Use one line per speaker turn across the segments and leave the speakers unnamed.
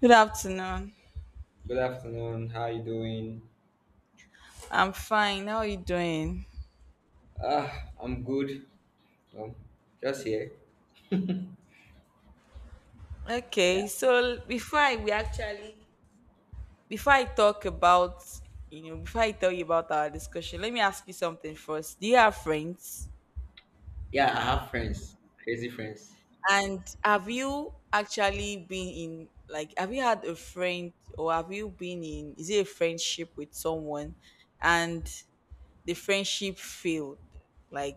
Good afternoon.
Good afternoon. How you doing?
I'm fine. How are you doing?
Ah, I'm good. Um, just here. Yeah,
Okay, so before I talk about before I tell you about our discussion, let me ask you something first. Do you have friends?
yeah, I have friends, crazy friends.
And have you actually been in like have you had a friend, or have you been in is it a friendship with someone and the friendship failed? Like,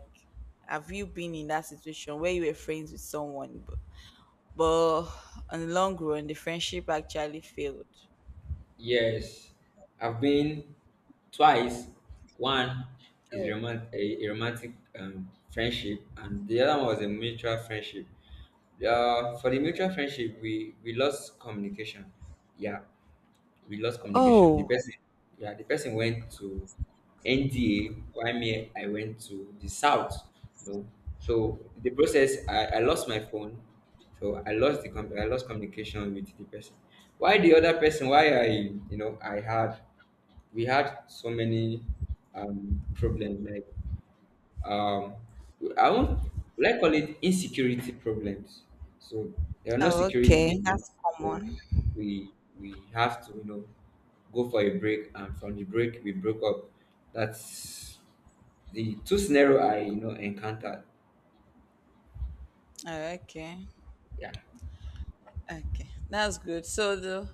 have you been in that situation where you were friends with someone but on the long run the friendship actually failed?
Yes, I've been twice. One is
Oh.
a romantic friendship, and the other one was a mutual friendship. For the mutual friendship, we lost communication. Yeah. We lost communication.
Oh.
Yeah, the person went to NDA, while me, I went to the south. You know? So the process, I lost my phone, so I lost I lost communication with the person. Why the other person? Why I, you know, I had we had so many problems like um, I won't like call it insecurity problems. So there are no
Oh,
security,
okay. That's
so
common.
we we have to go for a break, and from the break we broke up. That's the two scenario I encountered.
Oh, okay,
Yeah,
okay, that's good. So the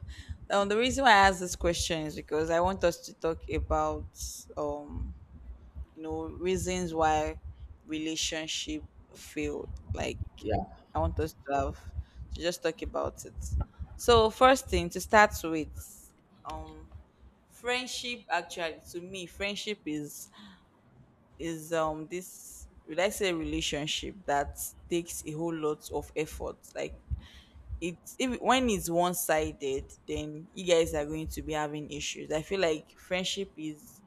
um, the reason why I asked this question is because I want us to talk about, um reasons why relationship failed. Like,
yeah,
I want us to have to just talk about it. So, first thing to start with, um friendship, actually, to me, friendship is this, would I say, relationship that takes a whole lot of effort. Like, it's if when it's one sided, then you guys are going to be having issues. I feel like friendship is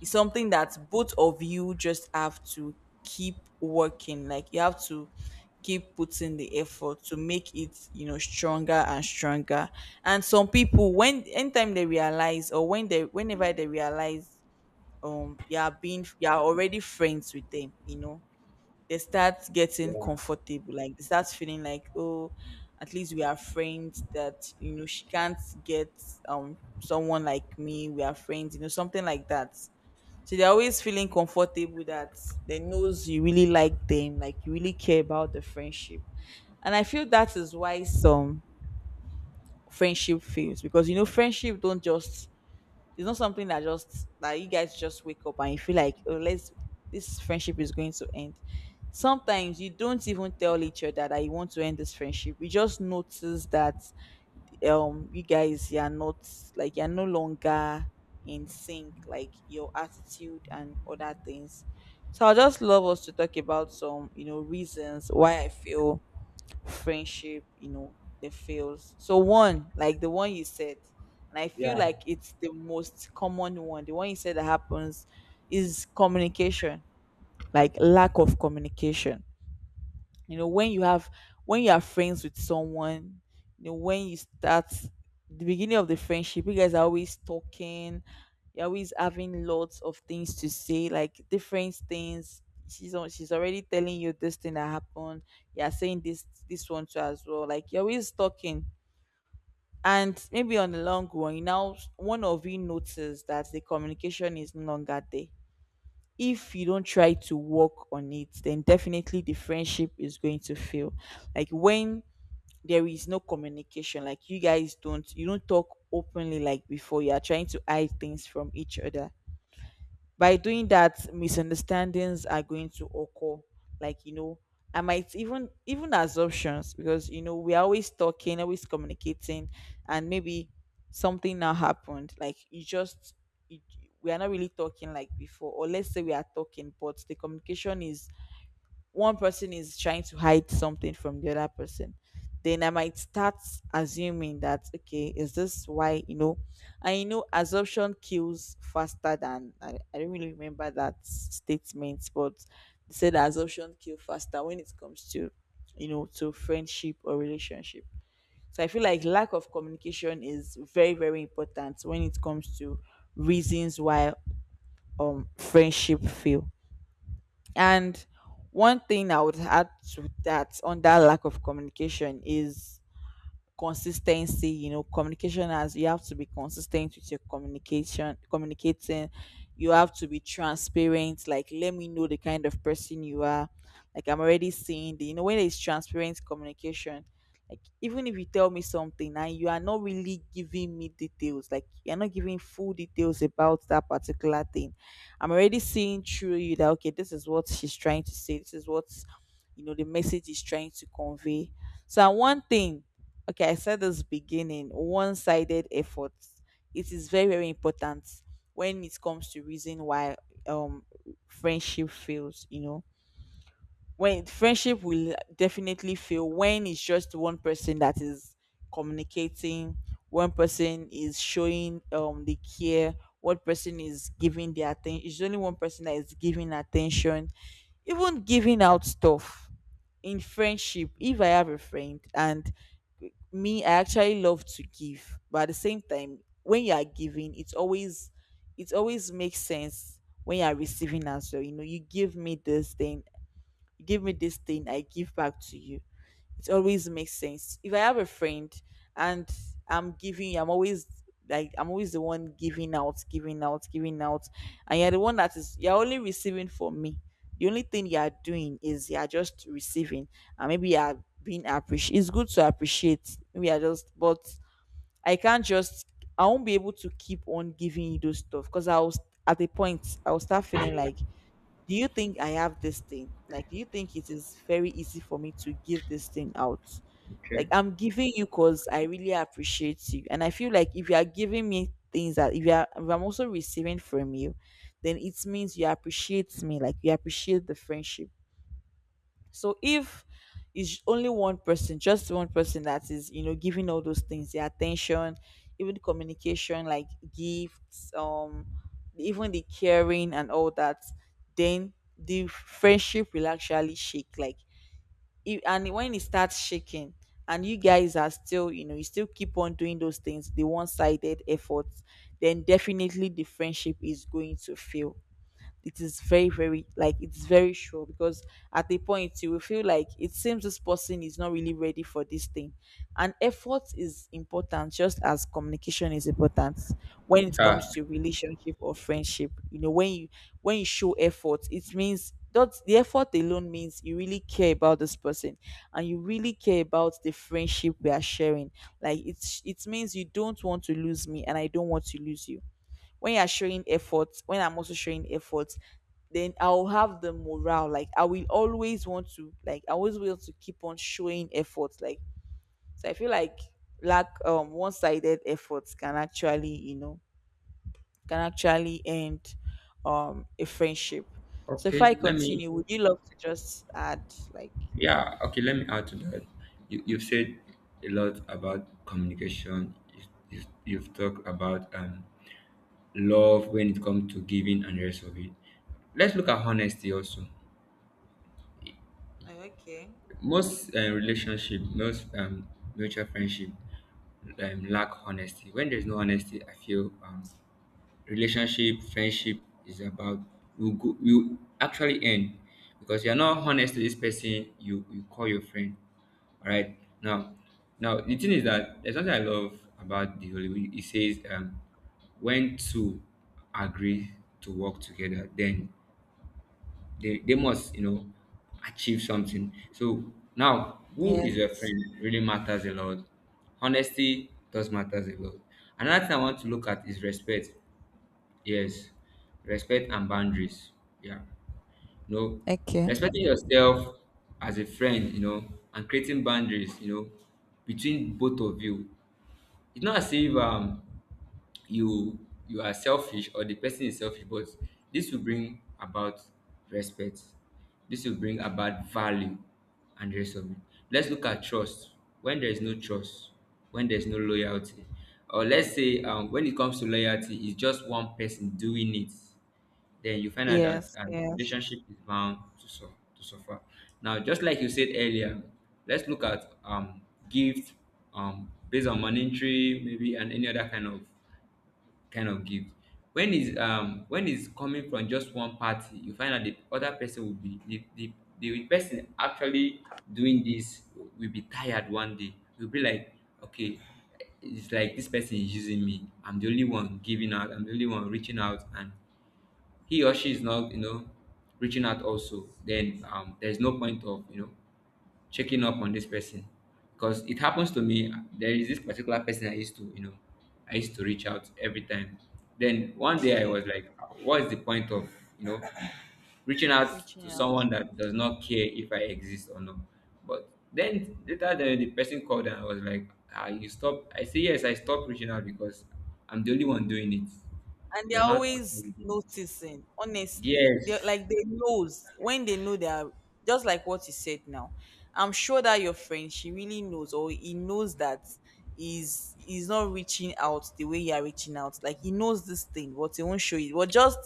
is something that both of you just have to keep working. Like, you have to keep putting the effort to make it, stronger and stronger. And some people, when anytime they realize, or whenever they realize, you are already friends with them, they start getting
yeah,
comfortable. Like, they start feeling like, oh, at least we are friends, that, she can't get, someone like me, we are friends, something like that. So they're always feeling comfortable that they knows you really like them, like you really care about the friendship. And I feel that is why some friendship fails, because, friendship don't just it's not something that just, that you guys just wake up and you feel like, oh, let's this friendship is going to end. Sometimes you don't even tell each other that you want to end this friendship. You just notice that, you are not, like, you're no longer in sync, like your attitude and other things. So I just love us to talk about some, reasons why I feel friendship, that fails. So, one, like the one you said, and I feel
yeah.
like it's the most common one. The one you said that happens is communication, like lack of communication. You know, when you have, when you are friends with someone when you start the beginning of the friendship, you guys are always talking, you're always having lots of things to say, like different things. She's on, she's already telling you this thing that happened, you're saying this, this one too as well, like you're always talking. And maybe on the long run, you now, one of you notices that the communication is no longer there. If you don't try to work on it, then definitely the friendship is going to fail. Like, when there is no communication, like, you guys don't, you don't talk openly like before, you are trying to hide things from each other. By doing that, misunderstandings are going to occur. Like, I might, even assumptions, because, we're always talking, always communicating. And maybe something now happened, like, you just, you, we are not really talking like before. Or let's say we are talking, but the communication is, one person is trying to hide something from the other person, then I might start assuming that, okay, is this why, and, assumption kills faster than, I don't really remember that statement, but they said assumption kill faster when it comes to, to friendship or relationship. So I feel like lack of communication is very, very important when it comes to reasons why, friendship fail. And one thing I would add to that, on that lack of communication, is consistency. You know communication has you have to be consistent with your communication, communicating. You have to be transparent. Like, let me know the kind of person you are. Like, I'm already seeing the, when it's transparent communication, like, even if you tell me something and you are not really giving me details, like you're not giving full details about that particular thing, I'm already seeing through you that, okay, this is what she's trying to say, this is what, the message is trying to convey. So, and one thing, okay, I said this beginning, one-sided efforts, it is very, very important when it comes to reason why, um friendship fails. You know, when friendship will definitely fail, when it's just one person that is communicating, one person is showing, the care, one person is giving the attention, it's only one person that is giving attention, even giving out stuff. In friendship, if I have a friend, and me, I actually love to give, but at the same time, when you are giving, it's always, it always makes sense when you are receiving as well. You know, you give me this thing, you give me this thing, I give back to you, it always makes sense. If I have a friend, and I'm giving, I'm always, like, I'm always the one giving out, giving out, giving out, and you're the one that is, you're only receiving from me. The only thing you are doing is you are just receiving, and maybe you are being appreciated. It's good to appreciate. Maybe I just, but I can't just. I won't be able to keep on giving you those stuff, because I was, at a point I will start feeling like, do you think I have this thing? Like, do you think it is very easy for me to give this thing out? Like,
Okay.
I'm giving you because I really appreciate you. And I feel like, if you are giving me things that, if, you are, if I'm also receiving from you, then it means you appreciate me. Like, you appreciate the friendship. So if it's only one person, just one person that is, giving all those things, the attention, even the communication, like gifts, even the caring and all that, then the friendship will actually shake. Like, if, and when it starts shaking, and you guys are still, you still keep on doing those things, the one-sided efforts, then definitely the friendship is going to fail. It is very, very, like, it's very sure, because at a point you will feel like it seems this person is not really ready for this thing. And effort is important, just as communication is important, when it
Yeah.
comes to relationship or friendship. You know, when you show effort, it means that the effort alone means you really care about this person and you really care about the friendship we are sharing. Like, it's, it means you don't want to lose me and I don't want to lose you. When you're showing effort, when I'm also showing effort, then I'll have the morale. Like, I will always want to, like, I always will to keep on showing effort. Like, so I feel like lack one sided efforts can actually, you know, can actually end, a friendship. So if
Okay.
I
Let me.
continue, would you love to just add, like,
Yeah. Okay. Let me add to that. You've said a lot about communication. You've talked about love when it comes to giving and the rest of it. Let's look at honesty also.
Oh, okay.
Most mutual friendship lack honesty. When there's no honesty, I feel friendship is about you actually end because you're not honest to this person you call your friend. All right. Now, now the thing is that there's something I love about the Holy Bible. It says when two agree to work together, then they must, you know, achieve something. So now, who is your friend
Yes.
really matters a lot. Honesty does matters a lot. Another thing I want to look at is respect. Yes, respect and boundaries. Yeah, you know,
Okay.
respecting yourself as a friend, you know, and creating boundaries, between both of you, it's not as if you you are selfish or the person is selfish, but this will bring about respect. This will bring about value and the rest of it. Let's look at trust. When there is no trust, when there is no loyalty, or let's say when it comes to loyalty, it's just one person doing it, then you find out that
Yes, yes.
relationship is bound to suffer. Now, just like you said earlier, let's look at gift based on monetary, maybe, and any other kind of gift. When is coming from just one party, you find out the other person will be the person actually doing this will be tired one day. Will be like, okay, it's like this person is using me. I'm the only one giving out. I'm the only one reaching out, and he or she is not reaching out also, then there's no point of checking up on this person, because it happens to me, there is this particular person I used to reach out every time. Then one day I
Okay.
was like, what is the point of you know reaching out
Reaching
to
out.
someone that does not care if I exist or not? But then later, the person called, and I was like, you stop? I say, yes, I stopped reaching out because I'm the only one doing it.
And
You're
they're
not
always
actually doing it.
noticing, honestly, they,
Yes.
like, they knows when they, know they are, just like what you said now, I'm sure that your friend, she really knows, or he knows, that is, he's not reaching out the way you are reaching out. Like, he knows this thing but he won't show it. But just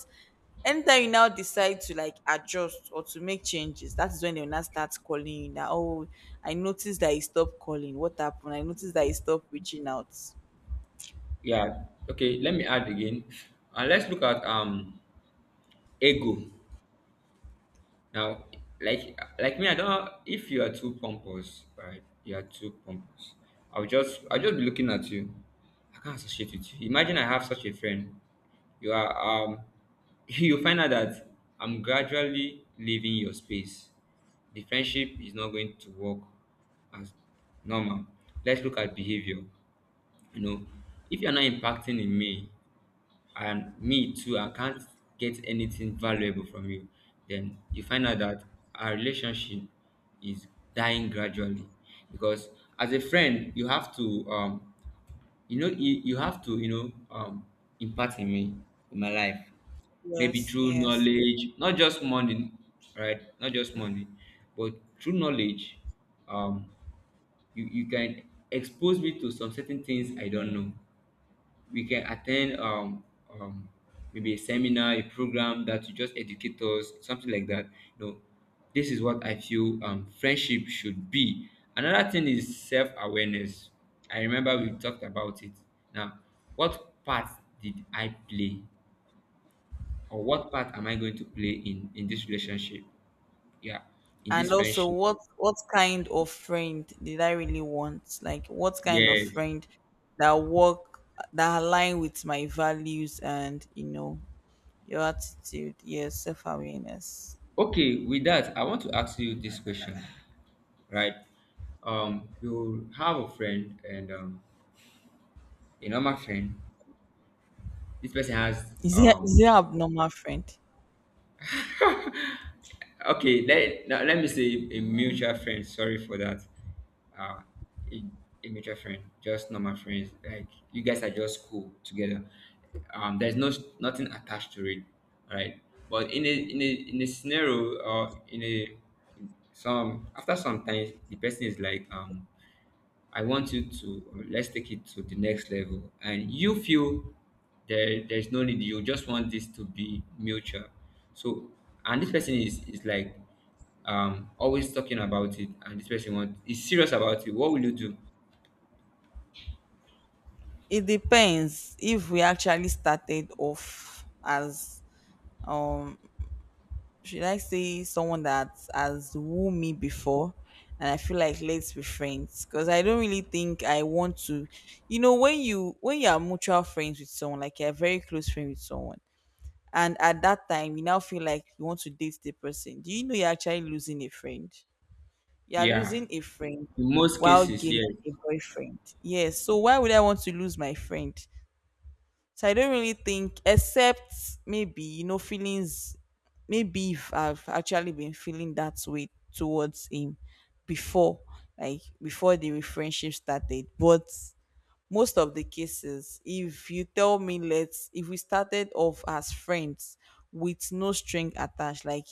anytime you now decide to, like, adjust or to make changes, that is when they'll now start calling you, now, oh, I noticed that he stopped calling, what happened, I noticed that he stopped reaching out.
Yeah. Okay. Let me add again, and let's look at ego now. Like like me, I don't know if you are too pompous, right? You are too pompous. I'll just be looking at you. I can't associate with you. Imagine I have such a friend. You are you find out that I'm gradually leaving your space. The friendship is not going to work as normal. Let's look at behavior. You know, if you're not impacting in me, and me too, I can't get anything valuable from you, then you find out that our relationship is dying gradually, because as a friend, you have to impart in me, in my life. Maybe
Yes,
through
yes.
knowledge, not just money, right? Not just money, but through knowledge. um you can expose me to some certain things. I don't know. We can attend, um, maybe a seminar, a program that will just educate us, something like that. You know, this is what I feel friendship should be. Another thing is self awareness. I remember we talked about it. Now, what part did I play, or what part am I going to play in this relationship? Yeah, in this
And also,
friendship.
what kind of friend did I really want? Like, what kind of
Yes.
friend that work, that align with my values and, your attitude. Yes, self-awareness.
Okay. With that, I want to ask you this question, right? You have a friend, and a normal friend. This person has
Is there, is there abnormal friend?
okay, let now, let me say a mutual friend. Sorry for that. Uh, a, a mutual friend, just normal friends. Like you guys are just cool together. There's no nothing attached to it, right? But in a scenario, or in a some, after some time, the person is like, I want you to let's take it to the next level, and you feel there's no need. You just want this to be mutual. So, and this person is like always talking about it, and this person want is serious about it. What will you do?
It depends. If we actually started off as, um should I say, someone that has wooed me before? And I feel like, let's be friends because I don't really think I want to. You know, when you, when you are mutual friends with someone, like you're very close friend with someone, and at that time you now feel like you want to date the person. Do you know you're actually losing a friend? You're
Yeah,
losing a friend
in most
while
cases,
gaining
yes.
a boyfriend. Yes. So why would I want to lose my friend? So I don't really think, except maybe, you know, feelings, maybe if I've actually been feeling that way towards him before, like before the friendship started. But most of the cases, if you tell me, if we started off as friends with no string attached, like,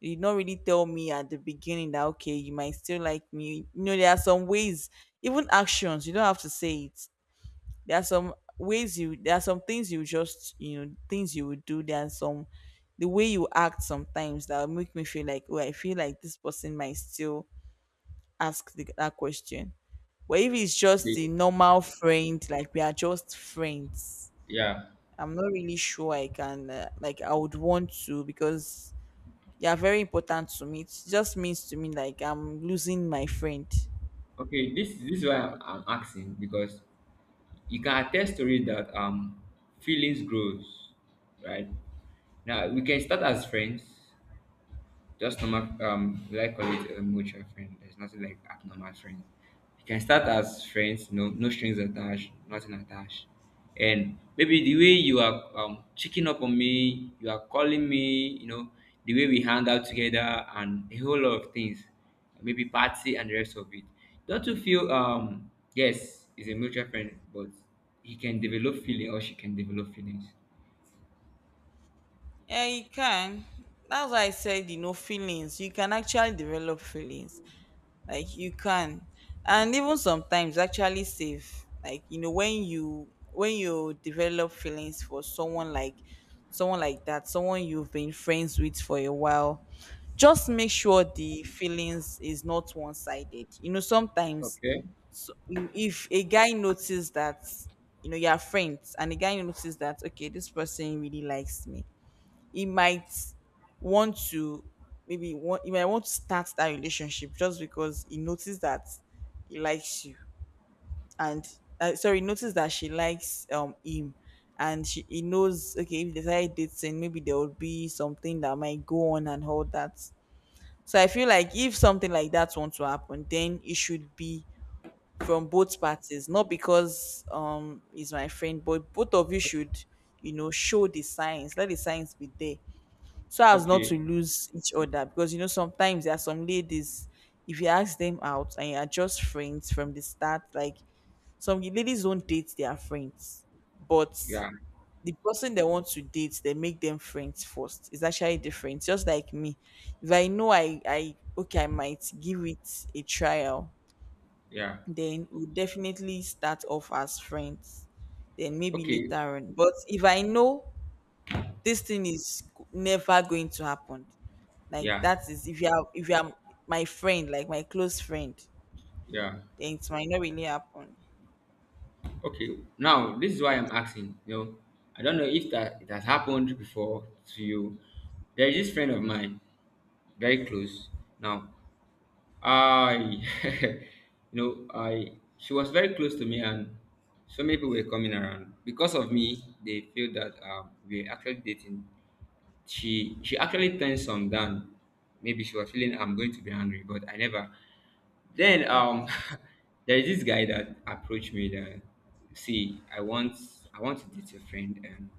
you did not really tell me at the beginning that okay you might still like me. You know, there are some ways, even actions, you don't have to say it. There are some ways you— there are some things you just, you know, things you would do. There are some— the way you act sometimes that will make me feel like, oh, I feel like this person might still ask that question. But if it's just
Okay.
the normal friend, like we are just friends,
Yeah.
I'm not really sure I can like— I would want to, because you are very important to me. It just means to me like I'm losing my friend.
Okay, this is why I'm asking, because you can attest to it that feelings grows, right? Now we can start as friends. Just normal, like call it a mutual friend. There's nothing like abnormal friends. You can start as friends, no strings attached, nothing attached. And maybe the way you are, checking up on me, you are calling me, you know, the way we hang out together, and a whole lot of things, maybe party and the rest of it. Don't you feel, yes, it's a mutual friend, but he can develop feeling, or she can develop feelings.
Yeah, you can. That's why I said, you know, feelings. You can actually develop feelings. Like you can, and even sometimes actually save, like, you know, when you develop feelings for someone, like someone like that, someone you've been friends with for a while, just make sure the feelings is not one-sided, you know. Sometimes,
Okay.
so if a guy notices that, you know, you're friends, and the guy notices that okay, this person really likes me, he might want to— maybe want— he might want to start that relationship just because he noticed that he likes you. And sorry, noticed that she likes him, and he knows okay, if they start dating, maybe there will be something that might go on and all that. So I feel like if something like that wants to happen, then it should be from both parties, not because he's my friend, but both of you
Yeah. Okay.
should, you know, show the signs. Let the signs be there, so as not to
Okay,
lose each other, because you know sometimes there are some ladies, if you ask them out and you are just friends from the start, like some ladies don't date their friends. But
yeah.
the person they want to date, they make them friends first. It's actually different. Just like me, if I know I okay, I might give it a trial,
Yeah.
then we'll definitely start off as friends, then maybe
Okay.
later on. But if I know this thing is never going to happen, like
Yeah.
that is if you are— if you are my friend, like my close friend,
Yeah.
then it might not really happen.
Okay. Now, this is why I'm asking. You know, I don't know if that it has happened before to you. There is this friend of mine, very close. Now, I, I she was very close to me, and so many people were coming around because of me. They feel that we're actually dating. She actually turned some down. Maybe she was feeling I'm going to be angry, but I never. Then
Okay.
there is this guy that approached me that, see, I want to date your friend, and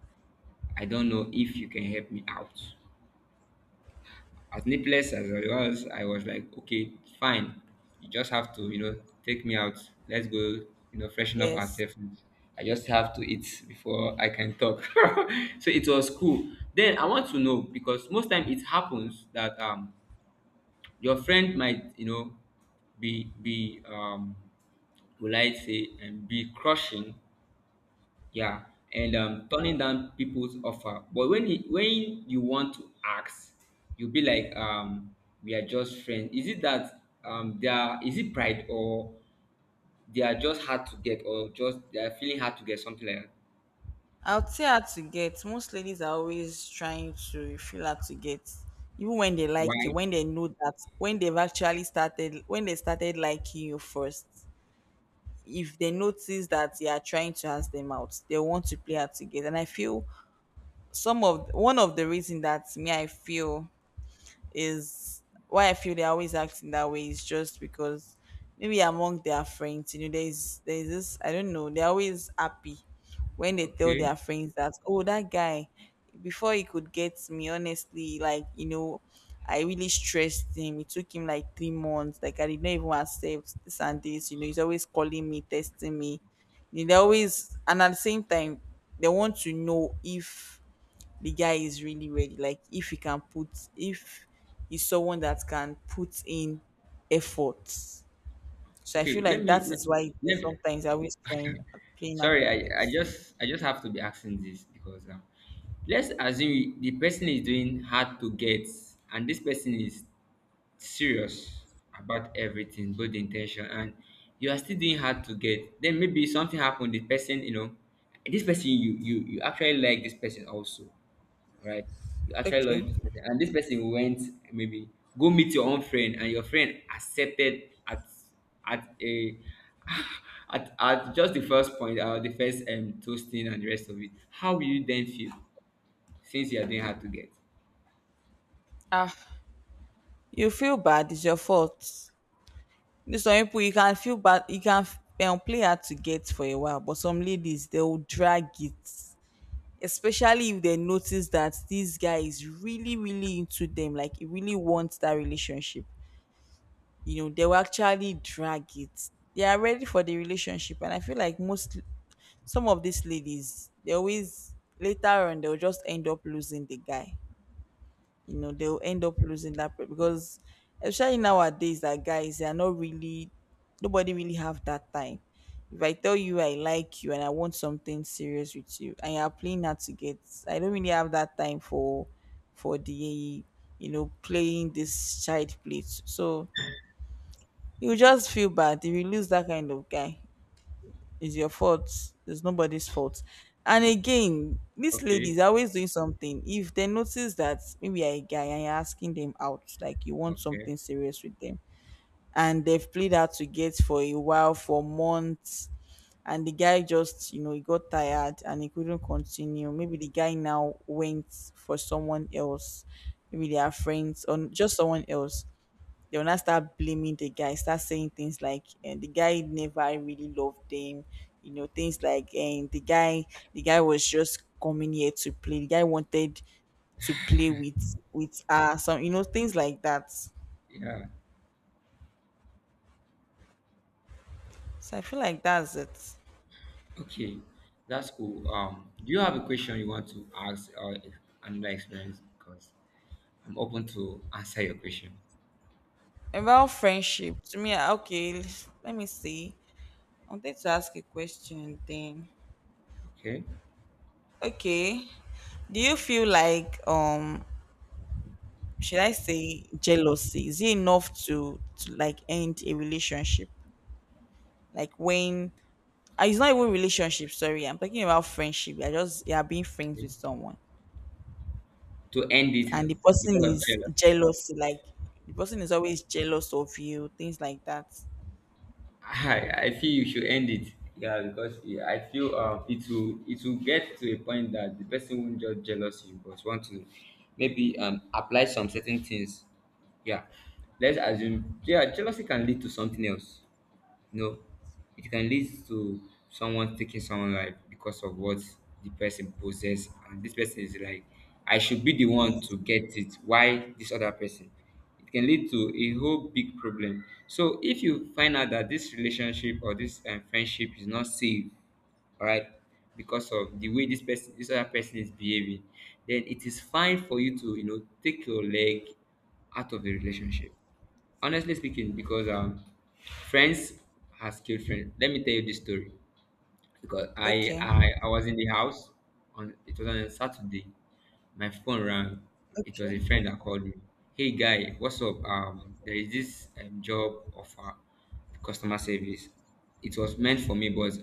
I don't know if you can help me out. As needless as I was like, okay, fine. You just have to, you know, take me out. Let's go, you know, freshen up
Yes,
ourselves. I just have to eat before I can talk. So it was cool. Then I want to know, because most time it happens that your friend might, be, will I say, and be crushing, yeah, and turning down people's offer. But when you want to ask, you'll be like, we are just friends. Is it that they are is it pride, or they are just hard to get, or just they are feeling hard to get, something like that?
I'll say her to get. Most ladies are always trying to feel her to get, even when they like you,
Why?
when they know that— when they've actually started— when they started liking you first. If they notice that you are trying to ask them out, they want to play her to get. And I feel some of— one of the reason that me I feel is why I feel they're always acting that way is just because maybe among their friends, you know, there's this, I don't know, they're always happy when they tell
Okay.
their friends that, oh, that guy, before he could get me, honestly, like, you know, I really stressed him. It took him like 3 months. Like I did not even accept this and this. You know, he's always calling me, testing me. You know, they always— and at the same time, they want to know if the guy is really ready, like if he can put— if he's someone that can put in effort. So I feel
Okay, let
like
me
that
let,
is why there's
let,
sometimes I always trying playing
sorry, I
activates.
just have to be asking this, because let's assume the person is doing hard to get, and this person is serious about everything, both the intention, and you are still doing hard to get. Then maybe something happened. The person, you know, this person you actually like this person also, right? You actually love
Okay.
this person, and this person went maybe go meet your own friend, and your friend accepted at a at just the first point, the first toasting and the rest of it. How will you then feel, since you are doing hard to get?
Ah, you feel bad. It's your fault. This— some people you can feel bad. You can play hard to get for a while, but some ladies they will drag it. Especially if they notice that this guy is really, really into them, like he really wants that relationship. You know, they will actually drag it. They are ready for the relationship, and I feel like most— some of these ladies, they always— later on they'll just end up losing the guy. You know, they'll end up losing that pe- because especially nowadays that guys, they are not really— nobody really have that time. If I tell you I like you and I want something serious with you and you're playing hard to get, I don't really have that time for— for the, you know, playing this child play. So you just feel bad if you lose that kind of guy. It's your fault. It's nobody's fault. And again, these
Okay,
ladies are always doing something. If they notice that maybe you're a guy and you're asking them out, like you want
okay,
something serious with them, and they've played out to get for a while, for months, and the guy just, you know, he got tired and he couldn't continue, maybe the guy now went for someone else, maybe they are friends or just someone else, they will now start blaming the guy, start saying things like— and the guy never really loved them, you know, things like— and the guy— the guy was just coming here to play. The guy wanted to play with her, some, you know, things like that.
yeah,
So I feel like that's it.
okay, that's cool. Do you have a question you want to ask, or another experience? Because I'm open to answer your question.
About friendship, to me, ah, okay, l- let me see. I wanted to ask a question then.
Okay,
Okay. Do you feel like should I say jealousy? Is it enough to— to like end a relationship? Like when— ah, it's not even relationship, sorry, I'm talking about friendship. You're just— you're being friends
okay.
with someone
To end it
and the person
because of
is
jealousy.
jealous, like the person is always jealous of you, things like that.
I feel you should end it. Yeah, because yeah, I feel it will get to a point that the person won't just jealous you, but want to, maybe apply some certain things. Yeah, let's assume yeah jealousy can lead to something else, you know, it can lead to someone taking someone life because of what the person possess, and this person is like, I should be the
Yeah.
one to get it, why this other person. It can lead to a whole big problem. So if you find out that this relationship or this friendship is not safe, all right, because of the way this person, this other person is behaving, then it is fine for you to, you know, take your leg out of the relationship, honestly speaking, because friends has killed friends. Let me tell you this story, because I,
Okay.
I I was in the house on, it was on a Saturday. My phone rang. It was a friend
Okay.
that called me. Hey guy, what's up? There is this job offer, customer service. It was meant for me, but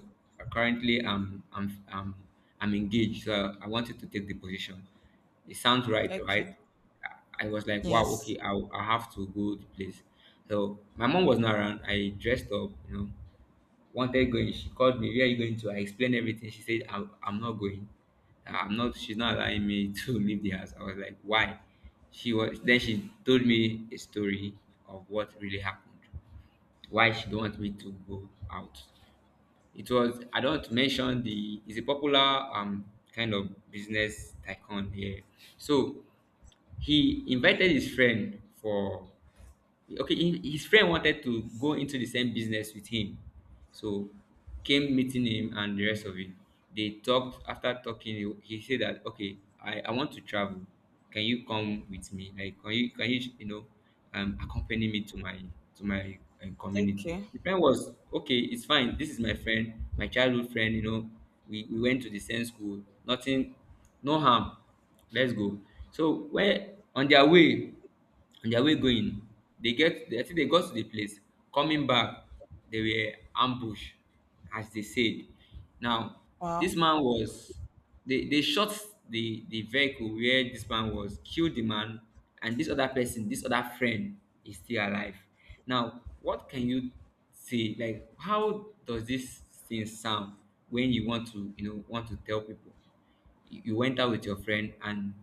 currently I'm engaged, so I wanted to take the position. It sounds right,
Okay.
right? I was like, wow, okay,
Yes.
I have to go to place. So my mom was not around. I dressed up, you know, wanted going. She called me, where are you going to? I explained everything. She said, I'm not going. Nah, I'm not, she's not allowing me to leave the house. I was like, why? Then she told me a story of what really happened, why she don't want me to go out. It was, I don't mention the, it's a popular kind of business tycoon here. So he invited his friend for, okay, his friend wanted to go into the same business with him. So came meeting him and the rest of it, they talked. After talking, he said that, okay, I want to travel, can you come with me, like can you, you know, accompany me to my, to my community.
Okay.
The friend was okay, it's fine, this is my friend, my childhood friend, you know, we went to the same school, nothing, no harm, let's go. So where on their way, on their way going, they get, I think they got to the place. Coming back, they were ambushed, as they said. Now, this
Wow.
man was, they shot the vehicle where this man was, killed the man, and this other person, this other friend is still alive. Now, what can you say? Like how does this thing sound when you want to, you know, want to tell people? You went out with your friend and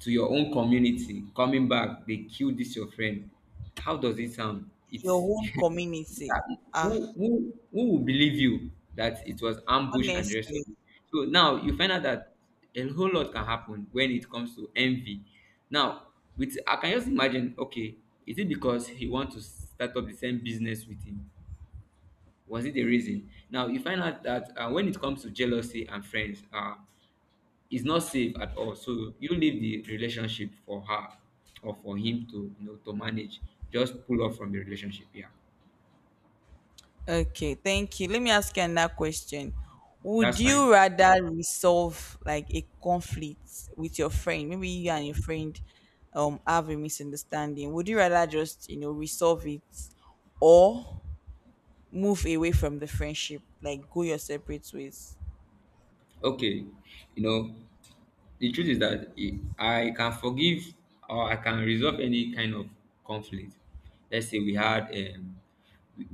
to your own community, coming back they kill this your friend. How does it sound?
Your
It's
own community. Ah,
who will believe you that it was ambush and the rest of
honestly.
it? So now you find out that a whole lot can happen when it comes to envy. Now with, I can just imagine, okay, is it because he want to start up the same business with him, was it the reason? Now you find out that when it comes to jealousy and friends, it's not safe at all. So you leave the relationship for her or for him to, you know, to manage. Just pull off from the relationship. Yeah,
Okay, thank you. Let me ask you another question.
that's
Would
fine.
you rather resolve like a conflict with your friend? Maybe you and your friend have a misunderstanding. Would you rather just, you know, resolve it, or move away from the friendship, like go your separate ways?
Okay, you know, the truth is that it, I can forgive or I can resolve any kind of conflict. Let's say we had, we,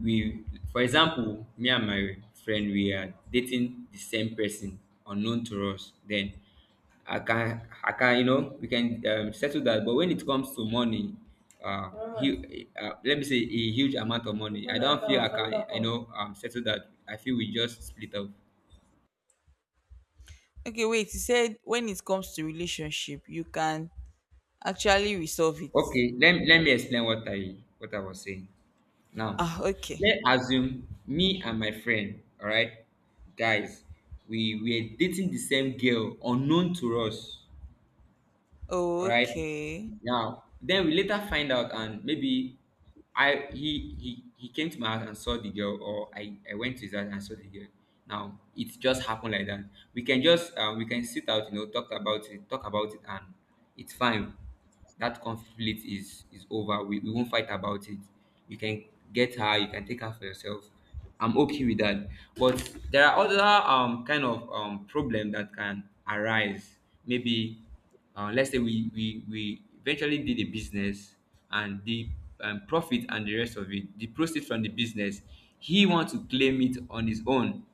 for example, me and my friend, we are dating the same person unknown to us. Then I can, you know, we can settle that. But when it comes to money, let me say a huge amount of money, I don't feel I can, you know, settle that. I feel we just split up.
Okay, wait, you said when it comes to relationship, you can actually resolve it.
Okay, let me explain what I was saying. Now,
Ah, okay.
let's assume me and my friend, all right, guys, we were dating the same girl unknown to us,
Oh,
all right.
okay.
Now, then we later find out, and maybe I he came to my house and saw the girl, or I went to his house and saw the girl. Now, it just happened like that. We can just we can sit out, you know, talk about it, and it's fine. That conflict is over. We won't fight about it. You can get her, you can take her for yourself, I'm okay with that. But there are other kind of problem that can arise. Maybe let's say we eventually did a business, and the profit and the rest of it, the proceeds from the business, he wants to claim it on his own.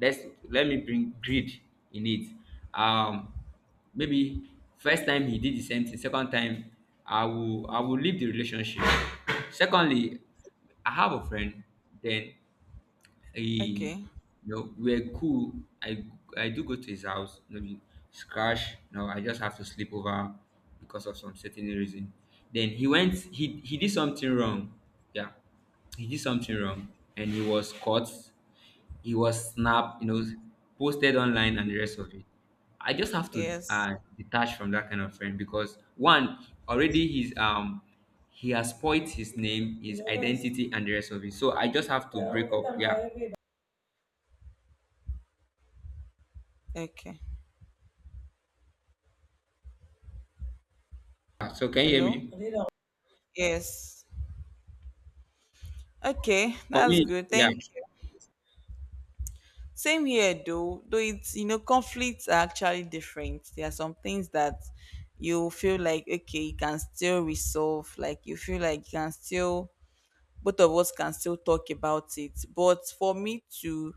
Let's, let me bring greed in it. um Maybe first time he did the same thing, second time I will leave the relationship. Secondly, I have a friend, then he,
Okay.
you know, we're cool. i I do go to his house, maybe scratch, no, I just have to sleep over because of some certain reason. Then he went, he did something wrong, yeah, he did something wrong, and he was caught. It was snap, you know, posted online and the rest of it. I just have to
Yes.
detach from that kind of friend, because one already, he's he has spoiled his name, his identity, and the rest of it. So I just have to break up. Yeah.
Okay.
So can you hear
Hello?
me?
Yes. Okay,
For
that's
me,
good.
yeah.
Thank you. Same here, though. Though it's— you know, conflicts are actually different. There are some things that you feel like okay, you can still resolve. Like you feel like you can still— both of us can still talk about it. But for me to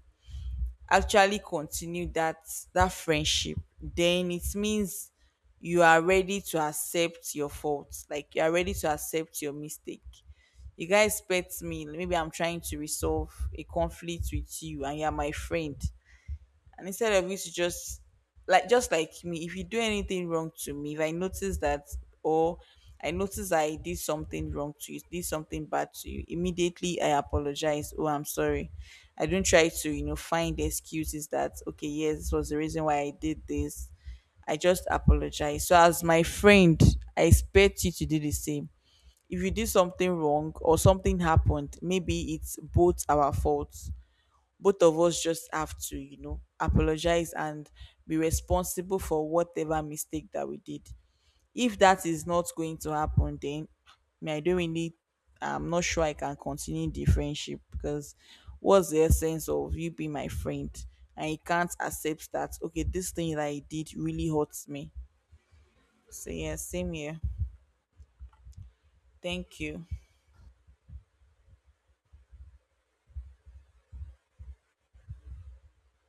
actually continue that— that friendship, then it means you are ready to accept your faults. Like you are ready to accept your mistake. You guys pet me— maybe I'm trying to resolve a conflict with you and you're my friend, and instead of you to just— like just like me, if you do anything wrong to me, if I notice that, or I notice I did something wrong to you, did something bad to you, immediately I apologize, oh, I'm sorry. I don't try to, you know, find excuses that okay, yes, this was the reason why I did this. I just apologize. So as my friend, I expect you to do the same. If you did something wrong or something happened, maybe it's both our faults. Both of us just have to, you know, apologize and be responsible for whatever mistake that we did. If that is not going to happen, then me, I don't really— I'm not sure I can continue the friendship because what's the essence of you being my friend? And you can't accept that, okay, this thing that I did really hurts me. So, yeah, same here. Thank you.